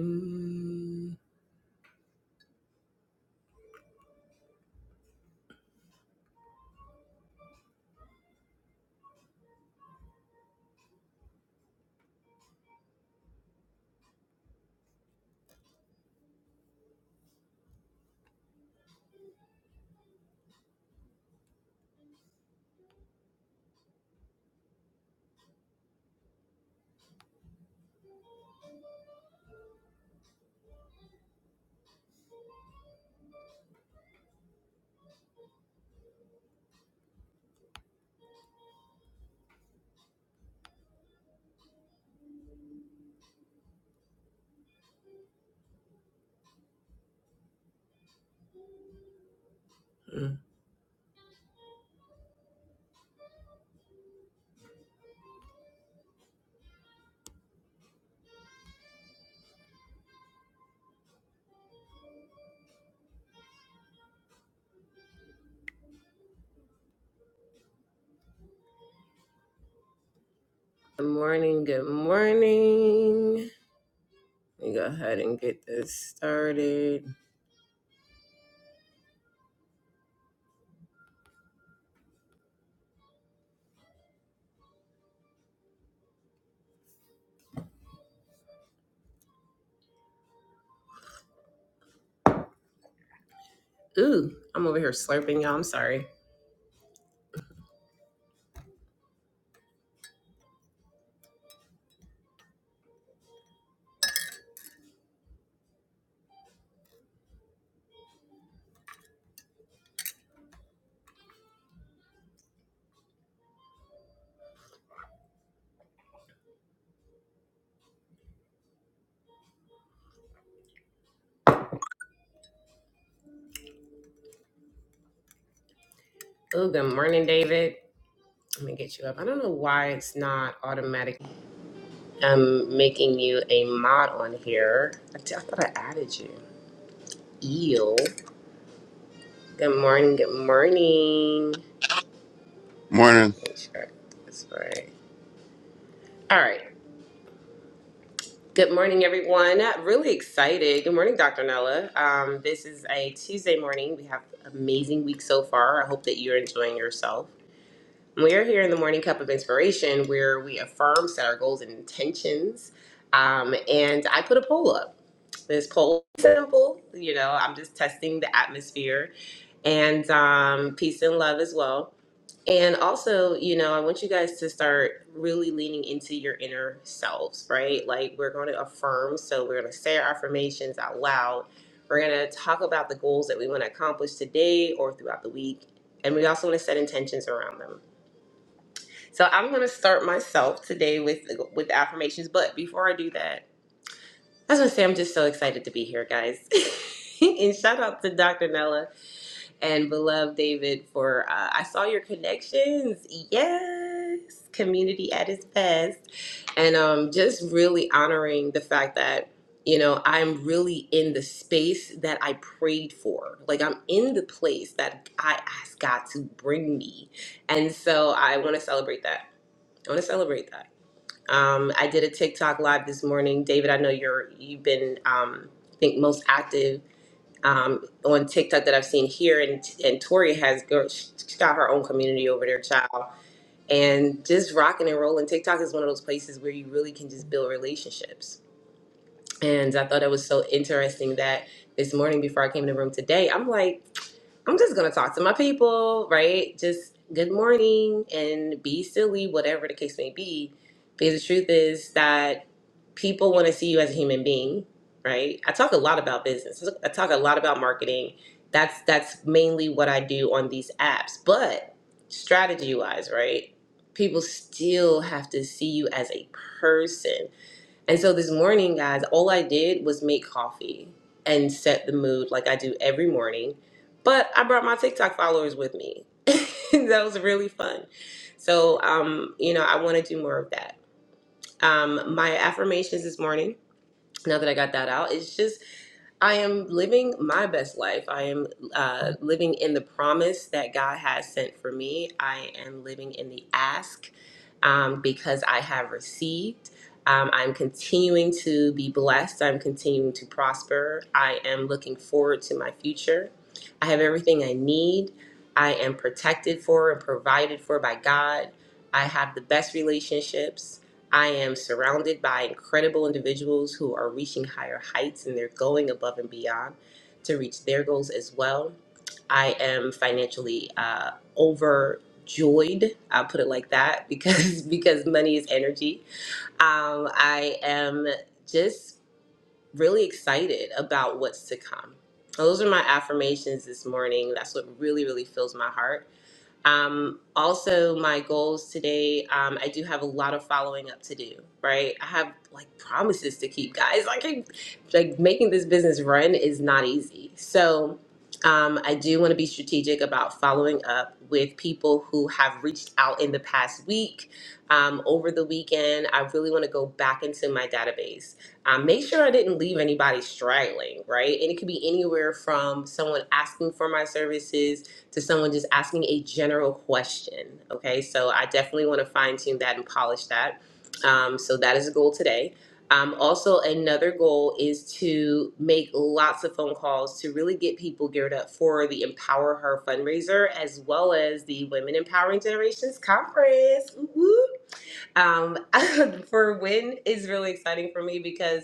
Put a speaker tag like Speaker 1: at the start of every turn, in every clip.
Speaker 1: Mm. mm. Good morning, good morning. Let me go ahead and get this started. Ooh, I'm over here slurping, y'all. I'm sorry. Ooh, good morning, David. Let me get you up. I don't know why it's not automatic. I'm making you a mod on here. I, t- I thought I added you. Eel. Good morning, good morning.
Speaker 2: Morning.
Speaker 1: Make sure I got this right. All right. Good morning, everyone. Really excited. Good morning, Dr. Nella. Um, this is a Tuesday morning. We have an amazing week so far. I hope that you're enjoying yourself. We're here in the Morning Cup of Inspiration where we affirm, set our goals and intentions. Um, and I put a poll up. This poll is simple. You know, I'm just testing the atmosphere and um, peace and love as well. And also, you know, I want you guys to start really leaning into your inner selves, right? Like we're going to affirm, so we're going to say our affirmations out loud. We're going to talk about the goals that we want to accomplish today or throughout the week, and we also want to set intentions around them. So I'm going to start myself today with with affirmations, but before I do that, I was going to say I'm just so excited to be here, guys. and shout out to Dr. Nella and beloved David for uh, I saw your connections. Yes, community at its best, and um, just really honoring the fact that you know I'm really in the space that I prayed for. Like I'm in the place that I asked God to bring me, and so I want to celebrate that. I want to celebrate that. Um, I did a TikTok live this morning, David. I know you're you've been um, I think most active um, on TikTok that I've seen here, and and Tori has girl, she's got her own community over there, child. And just rocking and rolling. TikTok is one of those places where you really can just build relationships. And I thought it was so interesting that this morning before I came in the room today, I'm like. I'm just gonna talk to my people, right? Just good morning and be silly, whatever the case may be. Because the truth is that people want to see you as a human being, right? I talk a lot about business. I talk a lot about marketing. That's that's mainly what I do on these apps. But strategy wise, right? People still have to see you as a person and so this morning, guys, all I did was make coffee and set the mood like I do every morning. But I brought my TikTok followers with me. that was really fun. So, um, you know, I want to do more of that. Um, my affirmations this morning, now that I got that out, it's just I am living my best life. I am uh, living in the promise that God has sent for me. I am living in the ask um, because I have received. Um, I'm continuing to be blessed. I'm continuing to prosper. I am looking forward to my future. I have everything I need. I am protected for and provided for by God. I have the best relationships. I am surrounded by incredible individuals who are reaching higher heights and they're going above and beyond to reach their goals as well. I am financially uh, overjoyed. I'll put it like that because because money is energy. Um, I am just really excited about what's to come. Those are my affirmations this morning. That's what really really fills my heart. Um, also, my goals today, um, I do have a lot of following up to do, right? I have like promises to keep, guys. Like, I, like making this business run is not easy. So, um, I do want to be strategic about following up with people who have reached out in the past week. Um, over the weekend, I really want to go back into my database. Um, make sure I didn't leave anybody straggling, right? And it could be anywhere from someone asking for my services to someone just asking a general question. Okay, so I definitely want to fine tune that and polish that. Um, so that is a goal today. Um, also, another goal is to make lots of phone calls to really get people geared up for the Empower Her fundraiser as well as the Women Empowering Generations Conference. Woo-woo. Um, for when is really exciting for me because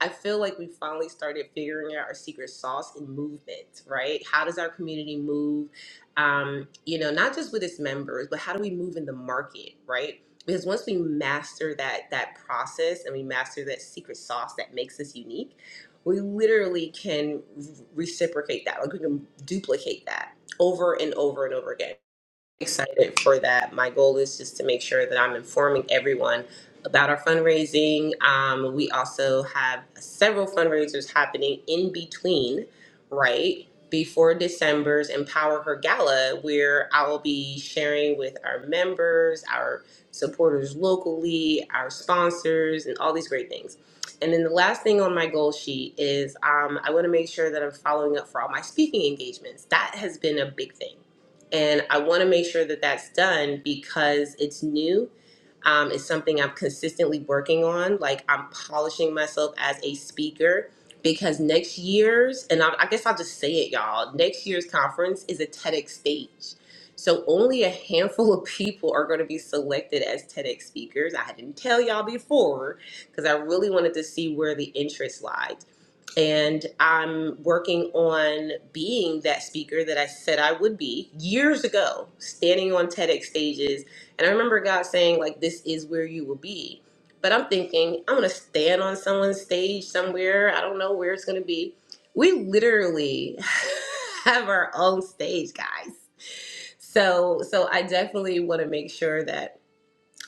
Speaker 1: I feel like we finally started figuring out our secret sauce in movement, right? How does our community move? Um, you know, not just with its members, but how do we move in the market, right? Because once we master that that process and we master that secret sauce that makes us unique, we literally can reciprocate that. Like we can duplicate that over and over and over again excited for that. My goal is just to make sure that I'm informing everyone about our fundraising. Um, we also have several fundraisers happening in between, right? Before December's Empower Her Gala, where I will be sharing with our members, our supporters locally, our sponsors, and all these great things. And then the last thing on my goal sheet is um, I want to make sure that I'm following up for all my speaking engagements. That has been a big thing and I want to make sure that that's done because it's new. Um, it's something I'm consistently working on. Like I'm polishing myself as a speaker because next year's, and I, I guess I'll just say it, y'all, next year's conference is a TEDx stage. So only a handful of people are going to be selected as TEDx speakers. I didn't tell y'all before because I really wanted to see where the interest lies and I'm working on being that speaker that I said I would be years ago, standing on TEDx stages. And I remember God saying, like, this is where you will be. But I'm thinking, I'm gonna stand on someone's stage somewhere. I don't know where it's gonna be. We literally have our own stage, guys. So so I definitely want to make sure that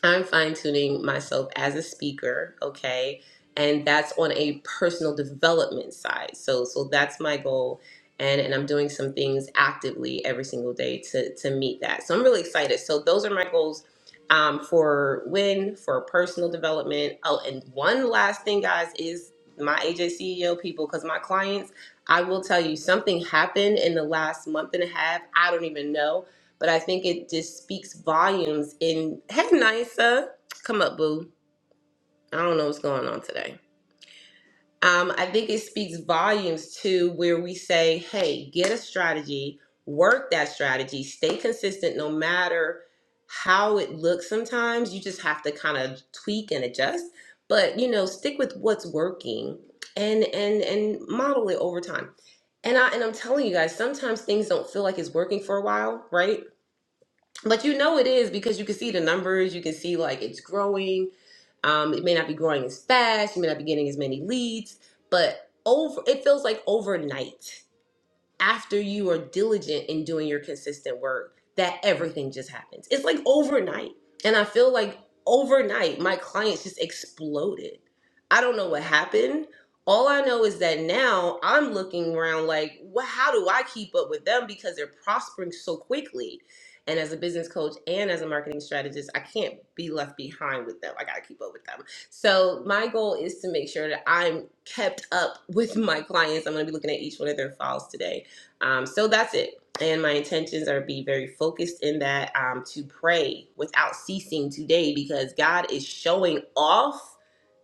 Speaker 1: I'm fine tuning myself as a speaker, okay? And that's on a personal development side. So so that's my goal and and I'm doing some things actively every single day to to meet that. So I'm really excited. So those are my goals um for when for personal development. Oh, and one last thing guys is my AJ CEO people cuz my clients I will tell you something happened in the last month and a half. I don't even know but I think it just speaks volumes in Hey Nisa. Come up, boo. I don't know what's going on today. Um, I think it speaks volumes to where we say, hey, get a strategy, work that strategy, stay consistent no matter how it looks sometimes. You just have to kind of tweak and adjust. But you know, stick with what's working and and and model it over time. And I and I'm telling you guys, sometimes things don't feel like it's working for a while, right? But you know it is because you can see the numbers, you can see like it's growing. Um, it may not be growing as fast, you may not be getting as many leads, but over it feels like overnight after you are diligent in doing your consistent work, that everything just happens. It's like overnight. And I feel like overnight, my clients just exploded. I don't know what happened. All I know is that now I'm looking around like, well, how do I keep up with them because they're prospering so quickly? And as a business coach and as a marketing strategist, I can't be left behind with them. I got to keep up with them. So my goal is to make sure that I'm kept up with my clients. I'm going to be looking at each one of their files today um, so that's it. And my intentions are be very focused in that um, to pray without ceasing today because God is showing off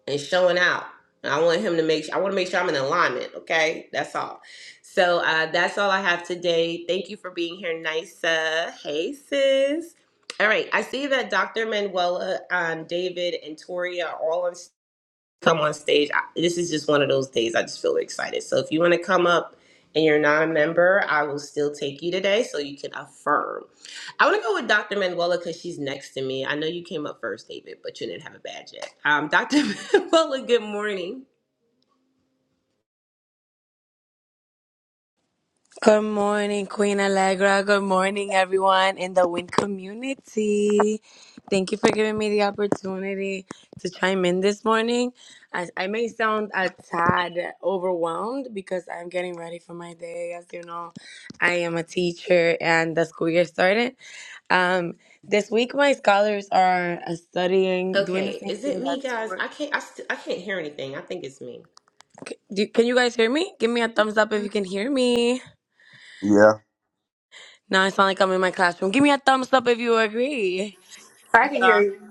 Speaker 1: and showing out. And I want Him to make. I want to make sure I'm in alignment. Okay, that's all. So uh, that's all I have today. Thank you for being here, Nysa Hey, sis. All right, I see that Dr. Manuela, um, David, and Toria are all on stage come on stage. I, this is just one of those days I just feel excited. So if you want to come up and you're not a member, I will still take you today so you can affirm. I want to go with Dr. Manuela because she's next to me. I know you came up first, David, but you didn't have a badge yet. Um, Dr. Manuela, good morning.
Speaker 3: Good morning, Queen Allegra. Good morning, everyone in the Win community. Thank you for giving me the opportunity to chime in this morning. I, I may sound a tad overwhelmed because I'm getting ready for my day. As you know, I am a teacher and the school year started. Um, this week, my scholars are uh, studying, doing the
Speaker 1: Okay,
Speaker 3: same
Speaker 1: is it
Speaker 3: thing that.
Speaker 1: me, guys? I can't. I, st- I can't hear anything. I think it's me.
Speaker 3: Do, Can you guys hear me? Give me a thumbs up if
Speaker 4: Uh,
Speaker 3: you can hear me.
Speaker 2: Yeah.
Speaker 3: Now it sound like I'm in my classroom. Give me a thumbs up if you agree.
Speaker 5: I can hear
Speaker 3: Yeah.
Speaker 5: you.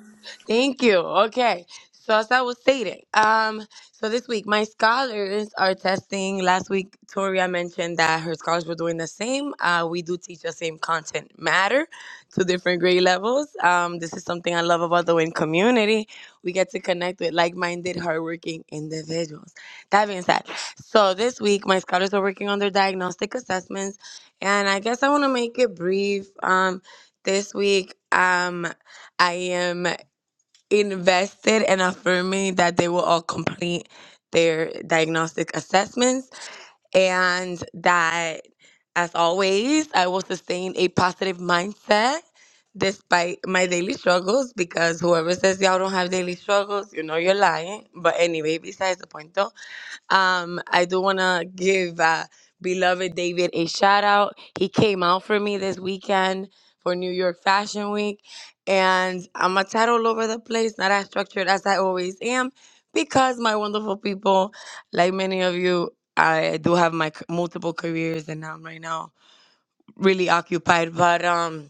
Speaker 3: Thank you. Okay. So as I was stating, um, so this week my scholars are testing. Last week, Toria mentioned that her scholars were doing the same. Uh, we do teach the same content matter to different grade levels. Um, this is something I love about the Win community. We get to connect with like-minded, hardworking individuals. That being said, so this week my scholars are working on their diagnostic assessments, and I guess I want to make it brief. Um, this week, um, I am invested in affirming that they will all complete their diagnostic assessments and that, as always, I will sustain a positive mindset despite my daily struggles because whoever says y'all don't have daily struggles, you know you're lying. But anyway, besides the point though. Um, I do want to give uh, beloved David a shout out. He came out for me this weekend for New York Fashion Week, and I'm a tad all over the place, not as structured as I always am, because my wonderful people, like many of you, I do have my c- multiple careers, and I'm right now really occupied. But um.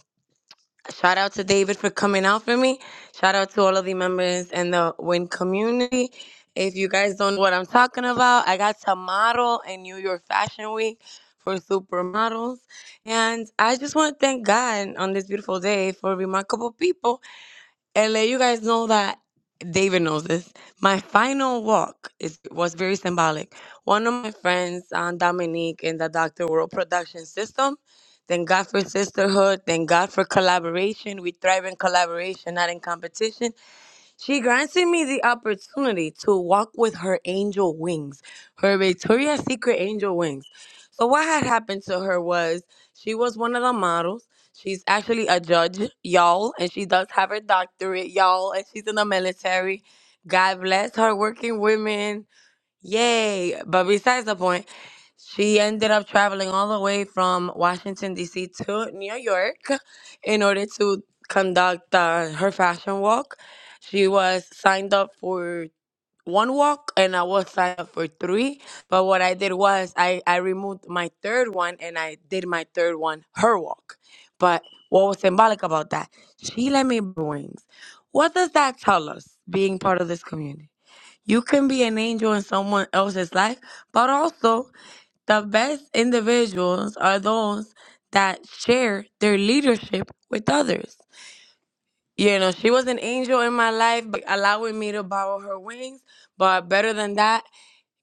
Speaker 3: Shout out to David for coming out for me. Shout out to all of the members and the Win community. If you guys don't know what I'm talking about, I got to model in New York Fashion Week for supermodels. And I just want to thank God on this beautiful day for remarkable people and let you guys know that David knows this. My final walk is, was very symbolic. One of my friends, um, Dominique, in the Dr. World production system. Thank God for sisterhood. Thank God for collaboration. We thrive in collaboration, not in competition. She granted me the opportunity to walk with her angel wings, her Victoria's Secret angel wings. So, what had happened to her was she was one of the models. She's actually a judge, y'all, and she does have her doctorate, y'all, and she's in the military. God bless her working women. Yay. But besides the point, she ended up traveling all the way from Washington, D.C. to New York in order to conduct uh, her fashion walk. She was signed up for one walk and I was signed up for three. But what I did was I, I removed my third one and I did my third one, her walk. But what was symbolic about that? She let me bring wings. What does that tell us being part of this community? You can be an angel in someone else's life, but also the best individuals are those that share their leadership with others. You know, she was an angel in my life, but allowing me to borrow her wings. But better than that,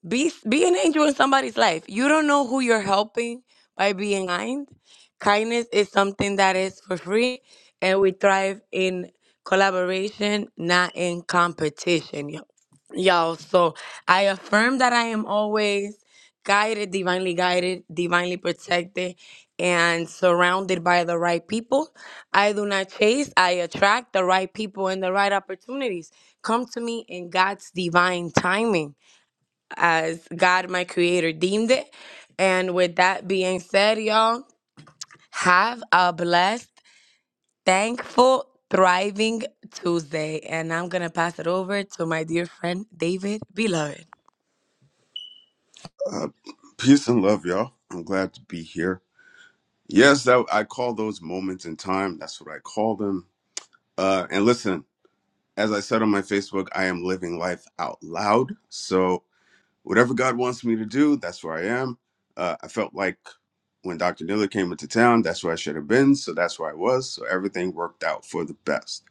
Speaker 3: be be an angel in somebody's life. You don't know who you're helping by being kind. Kindness is something that is for free, and we thrive in collaboration, not in competition, yo- y'all. So I affirm that I am always guided, divinely guided, divinely protected, and surrounded by the right people. I do not chase, I attract the right people and the right opportunities. Come to me in God's divine timing as God, my creator, deemed it. And with that being said, y'all, have a blessed, thankful, thriving Tuesday. And I'm going to pass it over to my dear friend, David Beloved.
Speaker 2: Uh, peace and love, y'all. I'm glad to be here. Yes, that, I call those moments in time. That's what I call them. Uh, and listen, as I said on my Facebook, I am living life out loud. So whatever God wants me to do, that's where I am. Uh, I felt like when Dr. Niller came into town, that's where I should have been. So that's where I was. So everything worked out for the best.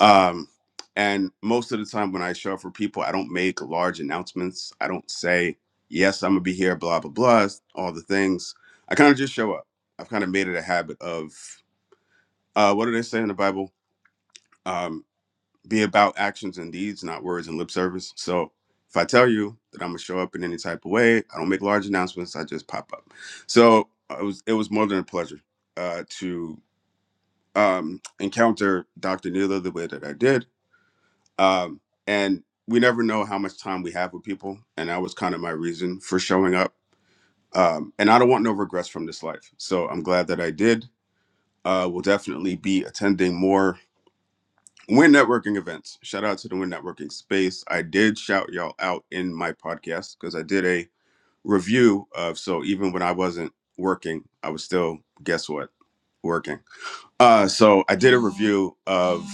Speaker 2: Um, and most of the time when I show up for people, I don't make large announcements. I don't say, yes, I'm gonna be here, blah, blah, blah, all the things. I kind of just show up. I've kind of made it a habit of uh what do they say in the Bible? Um, be about actions and deeds, not words and lip service. So if I tell you that I'm gonna show up in any type of way, I don't make large announcements, I just pop up. So uh, it was it was more than a pleasure uh to um encounter Dr. Neela the way that I did um, and we never know how much time we have with people and that was kind of my reason for showing up um, and i don't want no regrets from this life so i'm glad that i did uh, we'll definitely be attending more win networking events shout out to the win networking space i did shout y'all out in my podcast because i did a review of so even when i wasn't working i was still guess what working uh so i did a review of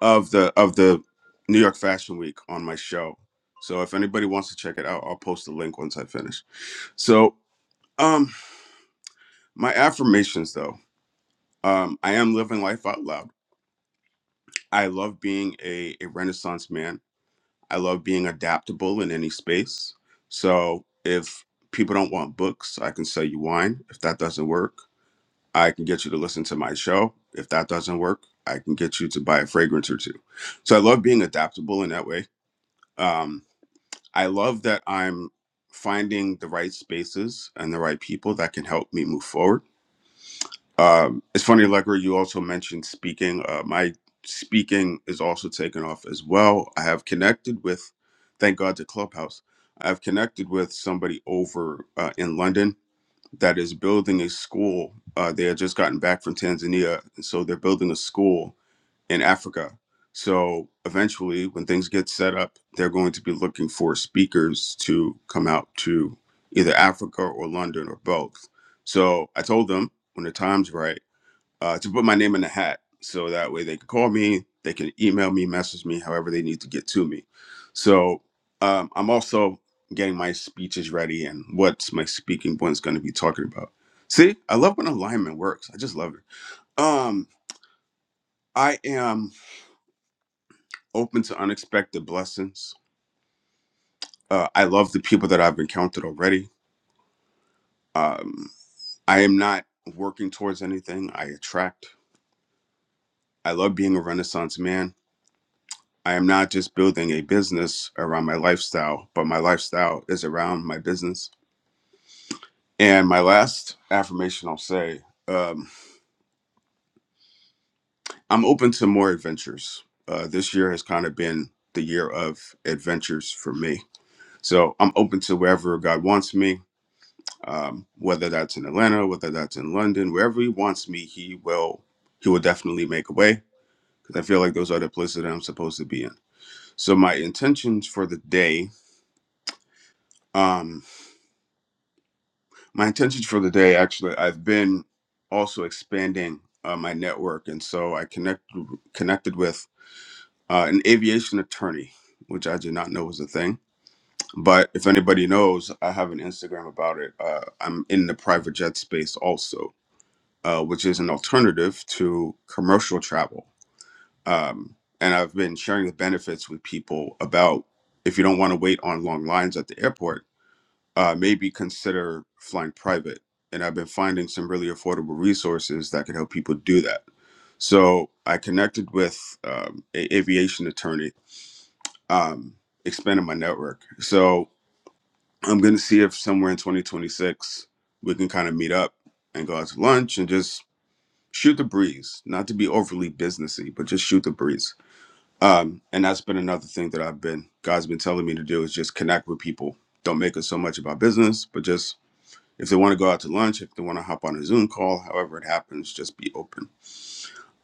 Speaker 2: of the of the New York Fashion Week on my show. So if anybody wants to check it out, I'll post the link once I finish. So um my affirmations though. Um I am living life out loud. I love being a, a renaissance man. I love being adaptable in any space. So if people don't want books, I can sell you wine. If that doesn't work, I can get you to listen to my show. If that doesn't work, I can get you to buy a fragrance or two. So I love being adaptable in that way. Um I love that I'm finding the right spaces and the right people that can help me move forward. Um, it's funny, Legger, you also mentioned speaking. Uh, my speaking is also taken off as well. I have connected with, thank God, to Clubhouse. I've connected with somebody over uh, in London that is building a school. Uh, they had just gotten back from Tanzania, and so they're building a school in Africa. So eventually, when things get set up, they're going to be looking for speakers to come out to either Africa or London or both. So I told them when the time's right uh, to put my name in the hat. So that way they can call me, they can email me, message me, however they need to get to me. So um, I'm also getting my speeches ready and what's my speaking point's going to be talking about. See, I love when alignment works. I just love it. Um, I am. open to unexpected blessings. Uh, I love the people that I've encountered already. Um, I am not working towards anything, I attract. I love being a Renaissance man. I am not just building a business around my lifestyle, but my lifestyle is around my business. And my last affirmation I'll say um, I'm open to more adventures. Uh, this year has kind of been the year of adventures for me. So I'm open to wherever God wants me. um, whether that's in Atlanta, whether that's in London, wherever he wants me, he will he will definitely make a way because I feel like those are the places that I'm supposed to be in. So my intentions for the day, um, my intentions for the day, actually, I've been also expanding uh, my network, and so I connect connected with uh, an aviation attorney, which I did not know was a thing. But if anybody knows, I have an Instagram about it. Uh, I'm in the private jet space also uh, which is an alternative to commercial travel. Um, and I've been sharing the benefits with people about if you don't want to wait on long lines at the airport, uh, maybe consider flying private. And I've been finding some really affordable resources that could help people do that. So I connected with um, a aviation attorney, um, expanded my network. So I'm going to see if somewhere in 2026 we can kind of meet up and go out to lunch and just shoot the breeze not to be overly businessy but just shoot the breeze um and that's been another thing that i've been god's been telling me to do is just connect with people don't make it so much about business but just if they want to go out to lunch if they want to hop on a zoom call however it happens just be open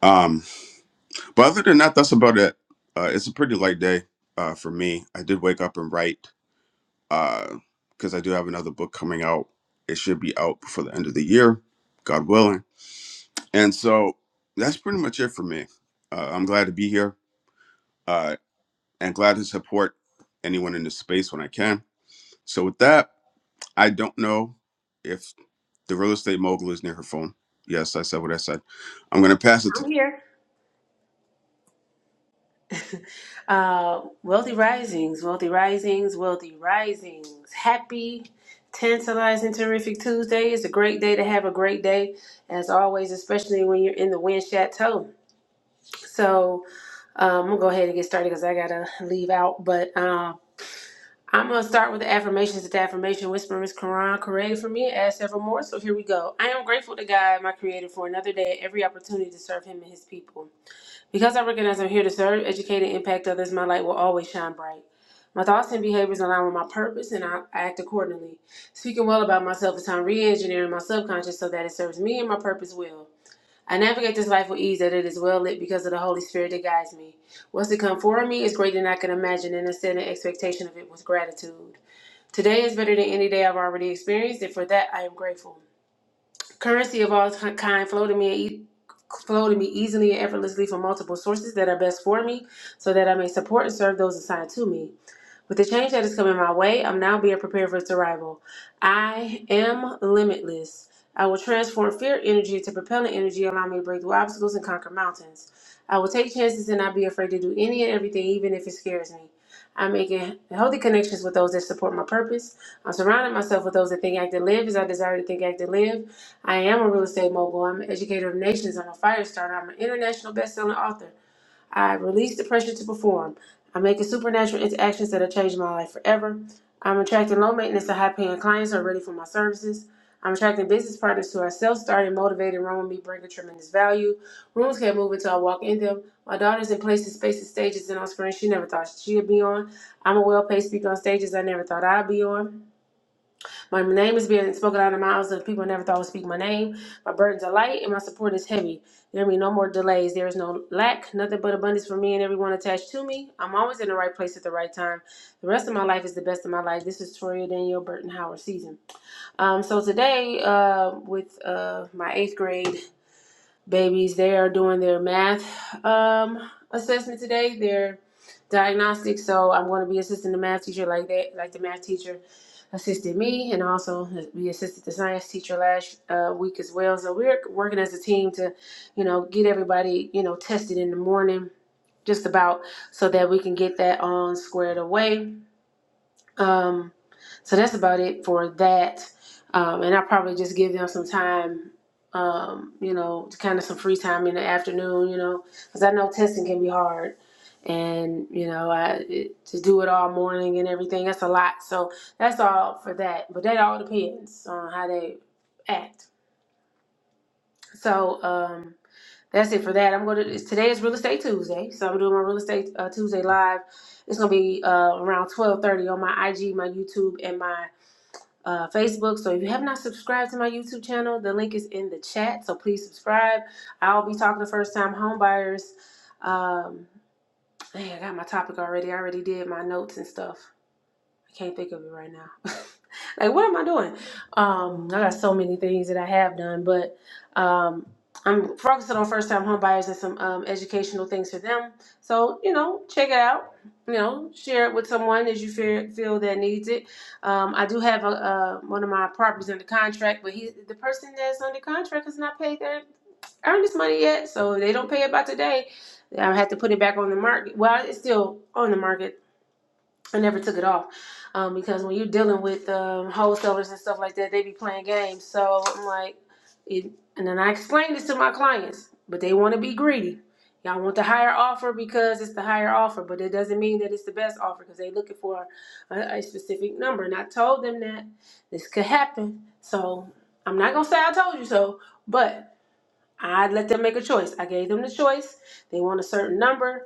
Speaker 2: um but other than that that's about it uh it's a pretty light day uh for me i did wake up and write uh because i do have another book coming out it should be out before the end of the year god willing And so that's pretty much it for me. Uh, I'm glad to be here uh, and glad to support anyone in this space when I can. So, with that, I don't know if the real estate mogul is near her phone. Yes, I said what I said. I'm going to pass it to
Speaker 5: I'm here. Uh, wealthy risings, wealthy risings, wealthy risings. Happy, tantalizing, terrific Tuesday. It's a great day to have a great day, as always, especially when you're in the wind chateau. So um, I'm gonna go ahead and get started because I gotta leave out. But um, I'm gonna start with the affirmations. The affirmation whisper is Quran created for me. Add several more. So here we go. I am grateful to God, my Creator, for another day, every opportunity to serve Him and His people. Because I recognize I'm here to serve, educate, and impact others, my light will always shine bright. My thoughts and behaviors align with my purpose, and I act accordingly. Speaking well about myself is how I'm re-engineering my subconscious so that it serves me and my purpose well. I navigate this life with ease, that it is well lit because of the Holy Spirit that guides me. What's to come for me is greater than I can imagine, and I set an expectation of it with gratitude. Today is better than any day I've already experienced, and for that I am grateful. Currency of all ti- kind flow to me e- flow to me easily and effortlessly from multiple sources that are best for me, so that I may support and serve those assigned to me. With the change that is coming my way, I'm now being prepared for its arrival. I am limitless. I will transform fear energy to propellant energy, allowing me to break through obstacles and conquer mountains. I will take chances and not be afraid to do any and everything, even if it scares me. I'm making healthy connections with those that support my purpose. I'm surrounding myself with those that think, act, and live as I desire to think, act, and live. I am a real estate mogul. I'm an educator of nations. I'm a fire starter. I'm an international best-selling author. I release the pressure to perform. I'm making supernatural interactions that have changed my life forever. I'm attracting low maintenance and high paying clients who are ready for my services. I'm attracting business partners who are self starting, motivated, run with me, bring a tremendous value. Rooms can't move until I walk in them. My daughter's in places, spaces, stages, and on screens she never thought she'd be on. I'm a well paid speaker on stages I never thought I'd be on. My name is being spoken out of mouths of people I never thought would speak my name. My burdens are light and my support is heavy. There be no more delays. There is no lack, nothing but abundance for me and everyone attached to me. I'm always in the right place at the right time. The rest of my life is the best of my life. This is Toria Danielle Burton Howard season. Um, so today, uh, with uh, my eighth grade babies. They are doing their math um, assessment today. Their diagnostic. So I'm going to be assisting the math teacher like that, like the math teacher assisted me, and also we assisted the science teacher last uh, week as well. So we're working as a team to, you know, get everybody you know tested in the morning, just about so that we can get that on squared away um, so that's about it for that. Um, and I'll probably just give them some time, um, you know, to kind of some free time in the afternoon, you know, because I know testing can be hard. And, you know, I, it, to do it all morning and everything, that's a lot. So that's all for that. But that all depends on how they act. So um, that's it for that. I'm going to, today is Real Estate Tuesday. So I'm doing my Real Estate uh, Tuesday live. It's going to be uh, around 1230 on my IG, my YouTube, and my uh, Facebook. So if you have not subscribed to my YouTube channel, the link is in the chat. So please subscribe. I'll be talking to first time homebuyers. Um, dang, I got my topic already. I already did my notes and stuff. I can't think of it right now. like, what am I doing? Um, I got so many things that I have done, but um, I'm focusing on first time home buyers and some um, educational things for them. So, you know, check it out. You know, share it with someone as you feel, feel that needs it. Um, I do have a, uh, one of my properties under contract, but he, the person that's under contract has not paid their earnest money yet. So if they don't pay it by today, I have to put it back on the market. Well, it's still on the market I never took it off um, because when you're dealing with um, wholesalers and stuff like that, they be playing games. So I'm like, it, and then I explained this to my clients, but they want to be greedy. Y'all want the higher offer because it's the higher offer, but it doesn't mean that it's the best offer because they're looking for a, a specific number. And I told them that this could happen. So I'm not going to say I told you so, but I let them make a choice. I gave them the choice. They want a certain number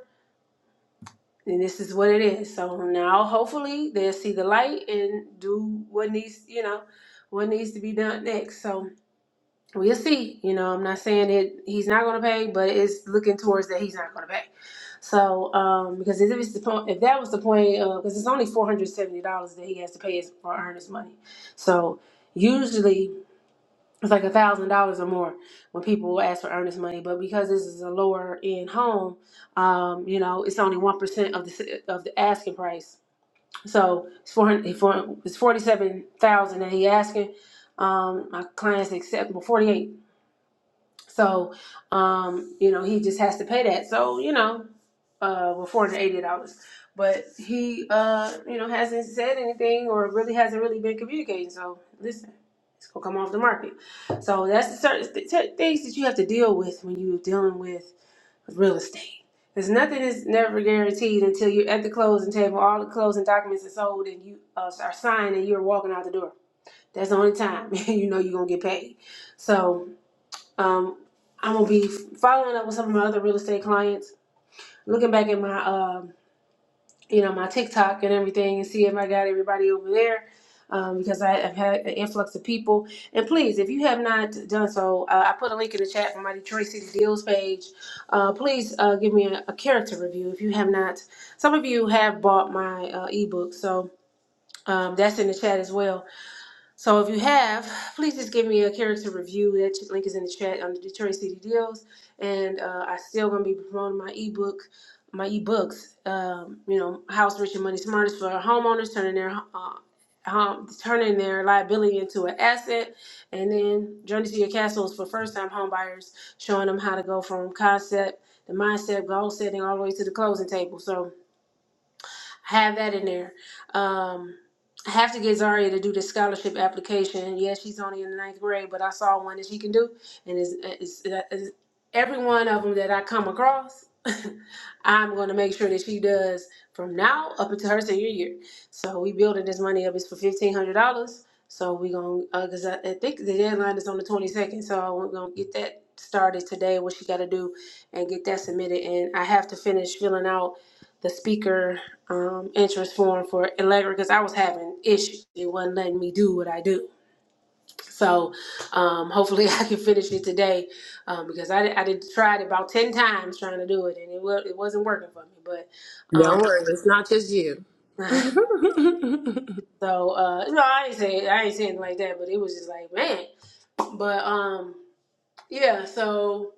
Speaker 5: and this is what it is. So now hopefully they'll see the light and do what needs, you know, what needs to be done next. So we'll see. You know, I'm not saying that he's not going to pay, but it's looking towards that he's not going to pay. So um, because if it's the point, if that was the point, because it's only four hundred seventy dollars that he has to pay us for earnest money. So usually it's like a thousand dollars or more when people ask for earnest money. But because this is a lower end home, um, you know, it's only one percent of the s- of the asking price. So it's four hundred. It's forty seven thousand that he asking. Um, my clients accept well, forty eight. So, um, you know, he just has to pay that. So, you know, uh, well, four hundred eighty dollars. But he, uh, you know, hasn't said anything or really hasn't really been communicating. So, listen, it's gonna come off the market. So that's the certain th- th- things that you have to deal with when you're dealing with real estate. Because nothing is never guaranteed until you're at the closing table, all the closing documents are sold, and you uh, are signed, and you're walking out the door. That's the only time you know you're gonna get paid. So. Um, I'm gonna be following up with some of my other real estate clients, looking back at my um, you know, my TikTok and everything, and see if I got everybody over there. Um, because I have had an influx of people. And please, if you have not done so, uh, I put a link in the chat for my Detroit City Deals page. Uh, please uh, give me a, a character review if you have not. Some of you have bought my uh, ebook, so um, that's in the chat as well so if you have, please just give me a character review. That ch- link is in the chat under Detroit City Deals. And uh, I still gonna be promoting my ebook, my ebooks. Um, you know, House Rich and Money Smart is for homeowners turning their uh, home, turning their liability into an asset, and then Journey to Your Castle is for first time home buyers, showing them how to go from concept, the mindset, goal setting, all the way to the closing table. So have that in there. Um, I have to get Zaria to do the scholarship application. Yeah, she's only in the ninth grade, but I saw one that she can do, and it's, it's, it's every one of them that I come across. I'm going to make sure that she does from now up until her senior year. So we building this money up. It's for fifteen hundred dollars. So we gonna uh, cause I, I think the deadline is on the twenty second. So we're gonna get that started today. What she got to do and get that submitted. And I have to finish filling out the speaker um, interest form for Allegra because I was having issues. It wasn't letting me do what I do. So um, hopefully I can finish it today um, because I, did- I did tried about 10 times trying to do it and it, wa- it wasn't working for me. But um,
Speaker 1: Don't worry, it's not just you.
Speaker 5: so, uh, no, I ain't saying, I ain't saying it like that, but it was just like, man. But um, yeah, so.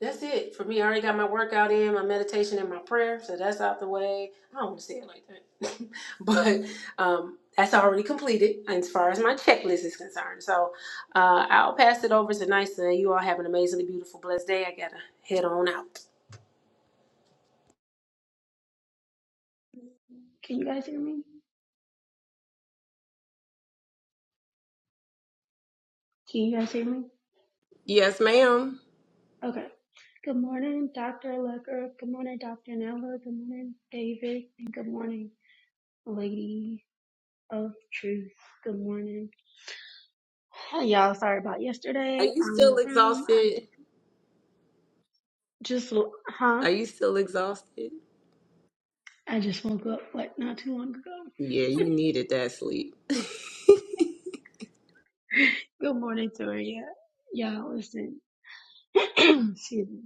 Speaker 5: That's it for me. I already got my workout in, my meditation, and my prayer, so that's out the way. I don't want to say it like that, but um, that's already completed as far as my checklist is concerned. So uh, I'll pass it over to Nisa. You all have an amazingly beautiful, blessed day. I gotta head on out.
Speaker 4: Can you guys hear me? Can you guys hear me?
Speaker 1: yes, ma'am.
Speaker 4: Okay. Good morning, Dr. Lecker. Good morning, Dr. Nella. Good morning, David. And good morning, Lady of Truth. Good morning. Hey, y'all. Sorry about
Speaker 1: Are
Speaker 4: yesterday.
Speaker 1: you
Speaker 4: I'm in
Speaker 1: still
Speaker 4: the room. I d-
Speaker 1: exhausted?
Speaker 4: just, huh?
Speaker 1: Are you still exhausted?
Speaker 4: I just woke up like not too long ago.
Speaker 1: Yeah, you needed that sleep.
Speaker 4: good morning, Toria. Y'all, listen. Excuse me.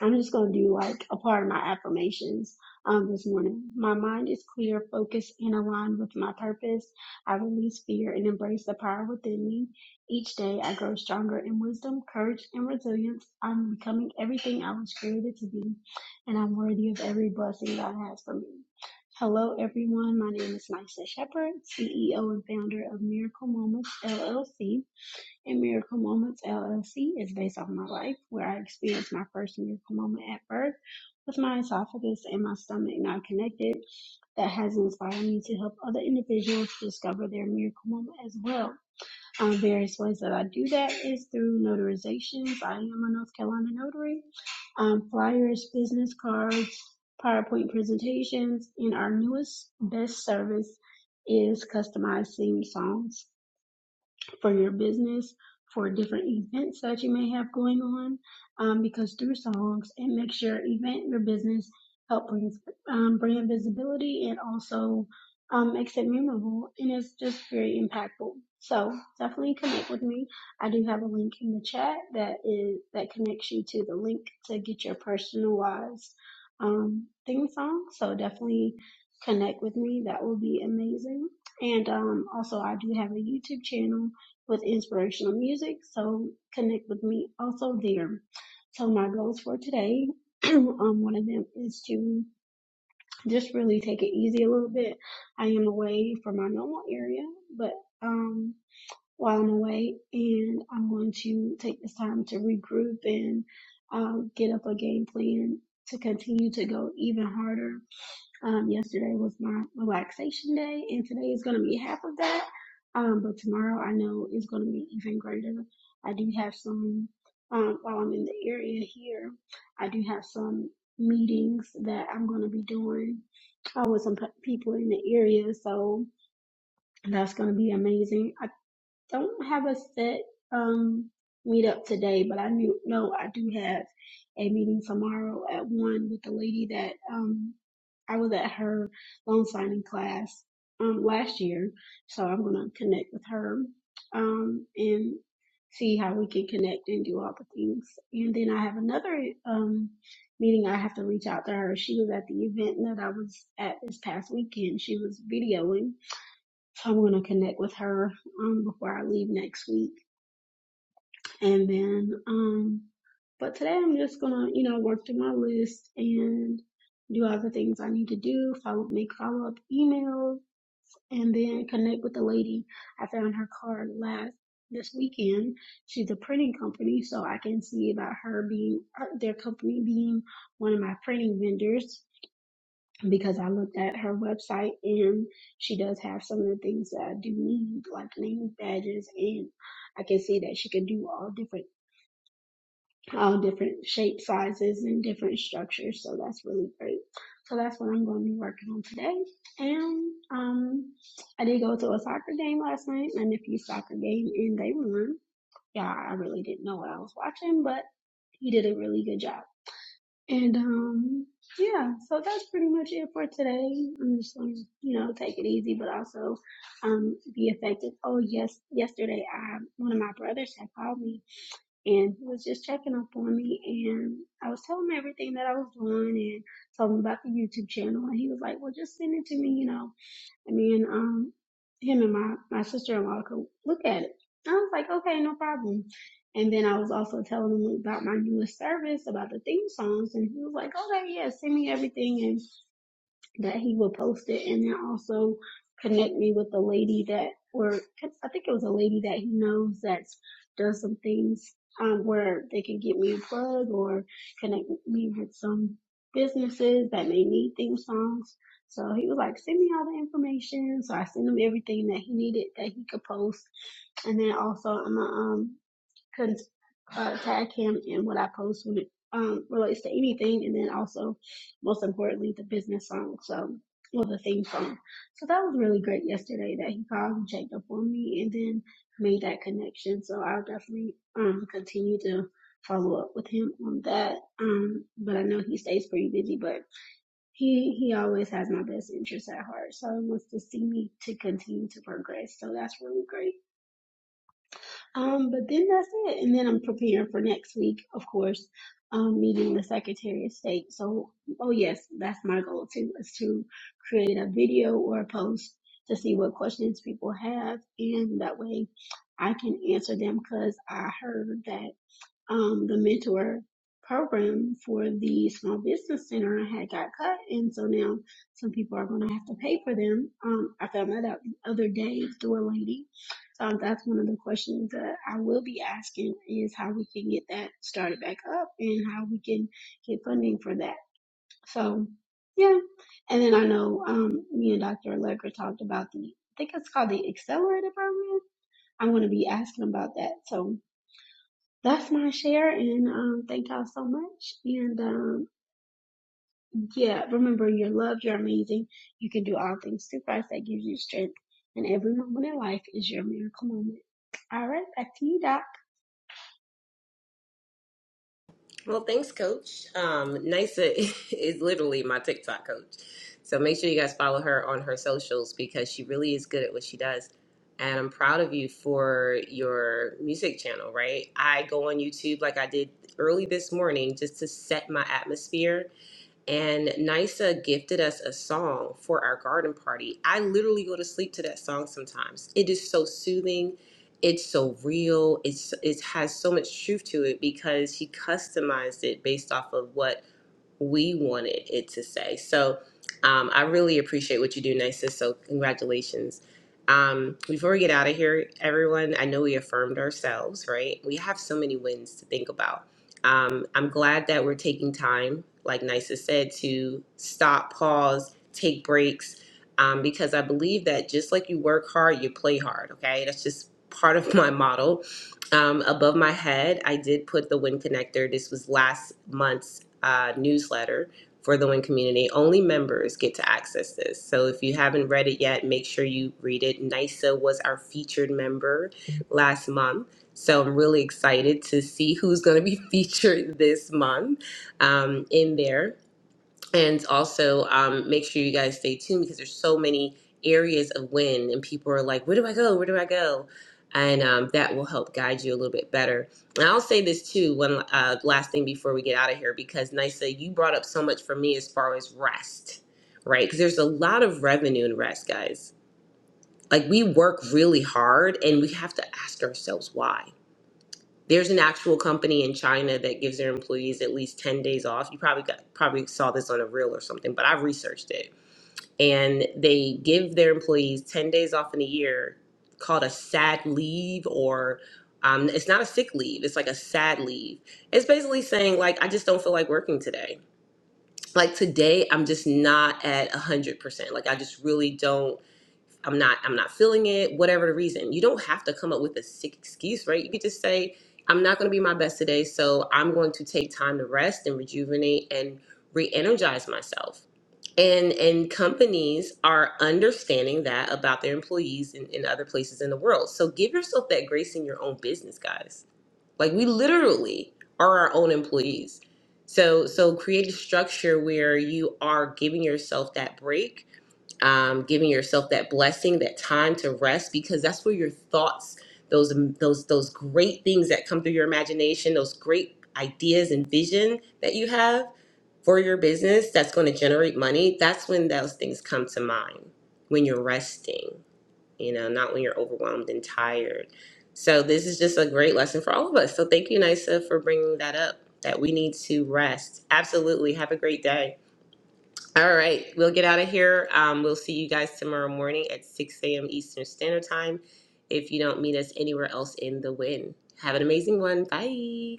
Speaker 4: I'm just going to do like a part of my affirmations um, this morning. My mind is clear, focused, and aligned with my purpose. I release fear and embrace the power within me. Each day, I grow stronger in wisdom, courage, and resilience. I'm becoming everything I was created to be, and I'm worthy of every blessing God has for me. Hello, everyone. My name is Nysa Shepherd, CEO and founder of Miracle Moments LLC and Miracle Moments LLC is based off my life, where I experienced my first miracle moment at birth with my esophagus and my stomach not connected. That has inspired me to help other individuals discover their miracle moment as well. Um, various ways that I do that is through notarizations. I am a North Carolina notary. Um, flyers, business cards, PowerPoint presentations, and our newest best service is customized theme songs for your business, for different events that you may have going on, um, because through songs, it makes your event, your business, help brings um, brand visibility and also um, makes it memorable and it's just very impactful. So definitely connect with me. I do have a link in the chat that is that connects you to the link to get your personalized um, theme song. So definitely connect with me. That will be amazing. And um, also, I do have a YouTube channel with inspirational music. So connect with me also there. So my goals for today, um, one of them is to just really take it easy a little bit. I am away from my normal area, but um, while I'm away, and I'm going to take this time to regroup and uh, get up a game plan to continue to go even harder um, yesterday was my relaxation day, and today is going to be half of that. Um, but tomorrow I know is going to be even greater. I do have some, um, while I'm in the area here, I do have some meetings that I'm going to be doing uh, with some pe- people in the area. So that's going to be amazing don't have a set um meetup today, but I knew no, I do have a meeting tomorrow at one with the lady that um I was at her loan signing class um last year, so I'm gonna connect with her um and see how we can connect and do all the things. And then I have another um meeting I have to reach out to her. She was at the event that I was at this past weekend. She was videoing so I'm gonna connect with her um before I leave next week. And then um but today I'm just gonna, you know, work through my list and do all the things I need to do, follow make follow up emails and then connect with the lady. I found her card last this weekend. She's a printing company, so I can see about her being uh, their company being one of my printing vendors because I looked at her website and she does have some of the things that I do need, like name badges, and I can see that she can do all different, all different shape sizes and different structures. So that's really great. So that's what I'm going to be working on today. And um, I did go to a soccer game last night, my nephew's soccer game, and they won. Yeah, I really didn't know what I was watching, but he did a really good job. And um, yeah, so that's pretty much it for today. I'm just gonna, you know, take it easy, but also um be effective. Oh yes, yesterday I one of my brothers had called me and he was just checking up on me and I was telling him everything that I was doing and told him about the YouTube channel and he was like, Well just send it to me, you know. And then um, him and my, my sister-in-law could look at it. I was like, okay, no problem. And then I was also telling him about my newest service, about the theme songs. And he was like, okay, yeah, send me everything and that he would post it and then also connect me with a lady that or I think it was a lady that he knows that does some things um where they can get me a plug or connect me with some businesses that may need theme songs. So he was like, send me all the information. So I sent him everything that he needed that he could post. And then also I'm a, um can uh, tag him in what I post when it um, relates to anything, and then also, most importantly, the business song. So, or the theme song. So that was really great yesterday that he called and checked up on me, and then made that connection. So I'll definitely um continue to follow up with him on that. Um, but I know he stays pretty busy, but he he always has my best interests at heart. So he wants to see me to continue to progress. So that's really great. Um, but then that's it. And then I'm preparing for next week, of course, um, meeting the Secretary of State. So, oh yes, that's my goal too, is to create a video or a post to see what questions people have. And that way I can answer them because I heard that um, the mentor program for the small business center I had got cut and so now some people are gonna have to pay for them. Um, I found that out the other day through a lady. So that's one of the questions that I will be asking is how we can get that started back up and how we can get funding for that. So yeah. And then I know um me and Dr. Allegra talked about the I think it's called the accelerator program. I'm gonna be asking about that. So that's my share and um thank y'all so much and um yeah remember you're loved you're amazing you can do all things through christ that gives you strength and every moment in life is your miracle moment all right back to you Doc.
Speaker 1: Well, thanks, Coach. Um, Nisa is literally my TikTok coach. So make sure you guys follow her on her socials because she really is good at what she does. And I'm proud of you for your music channel, right? I go on YouTube like I did early this morning just to set my atmosphere and Nisa gifted us a song for our garden party. I literally go to sleep to that song sometimes. It is so soothing. It's so real. It's it has so much truth to it because he customized it based off of what we wanted it to say. So um, I really appreciate what you do, Nisa. So congratulations. Um, before we get out of here, everyone, I know we affirmed ourselves, right? We have so many wins to think about. Um, I'm glad that we're taking time, like Nisa said, to stop, pause, take breaks, um, because I believe that just like you work hard, you play hard, okay? That's just part of my model um, above my head, I did put the Win Connector. This was last month's uh, newsletter for the Win community. Only members get to access this. So if you haven't read it yet, make sure you read it. NISA was our featured member last month. So I'm really excited to see who's going to be featured this month um, in there. And also, um, make sure you guys stay tuned because there's so many areas of win, and people are like, "Where do I go? Where do I go?" And um, that will help guide you a little bit better. And I'll say this too, one uh, last thing before we get out of here, because Nisa, you brought up so much for me as far as rest, right? Because there's a lot of revenue in rest, guys. Like we work really hard, and we have to ask ourselves why there's an actual company in China that gives their employees at least 10 days off. You probably got, probably saw this on a reel or something, but I researched it. And they give their employees 10 days off in a year called a sad leave or um, it's not a sick leave. It's like a sad leave. It's basically saying like, I just don't feel like working today. Like today, I'm just not at 100%. Like I just really don't I'm not I'm not feeling it, whatever the reason. You don't have to come up with a sick excuse, right? You could just say, I'm not gonna be my best today, so I'm going to take time to rest and rejuvenate and re-energize myself. And and companies are understanding that about their employees in, in other places in the world. So give yourself that grace in your own business, guys. Like we literally are our own employees. So so create a structure where you are giving yourself that break um, giving yourself that blessing, that time to rest, because that's where your thoughts, those mm, those those great things that come through your imagination, those great ideas and vision that you have for your business that's going to generate money. That's when those things come to mind when you're resting, you know, not when you're overwhelmed and tired. So this is just a great lesson for all of us. So thank you, Nisa, for bringing that up. That we need to rest. Absolutely. Have a great day. All right, we'll get out of here. Um, we'll see you guys tomorrow morning at 6 a.m. Eastern Standard Time. If you don't meet us anywhere else in the wind, have an amazing one. Bye.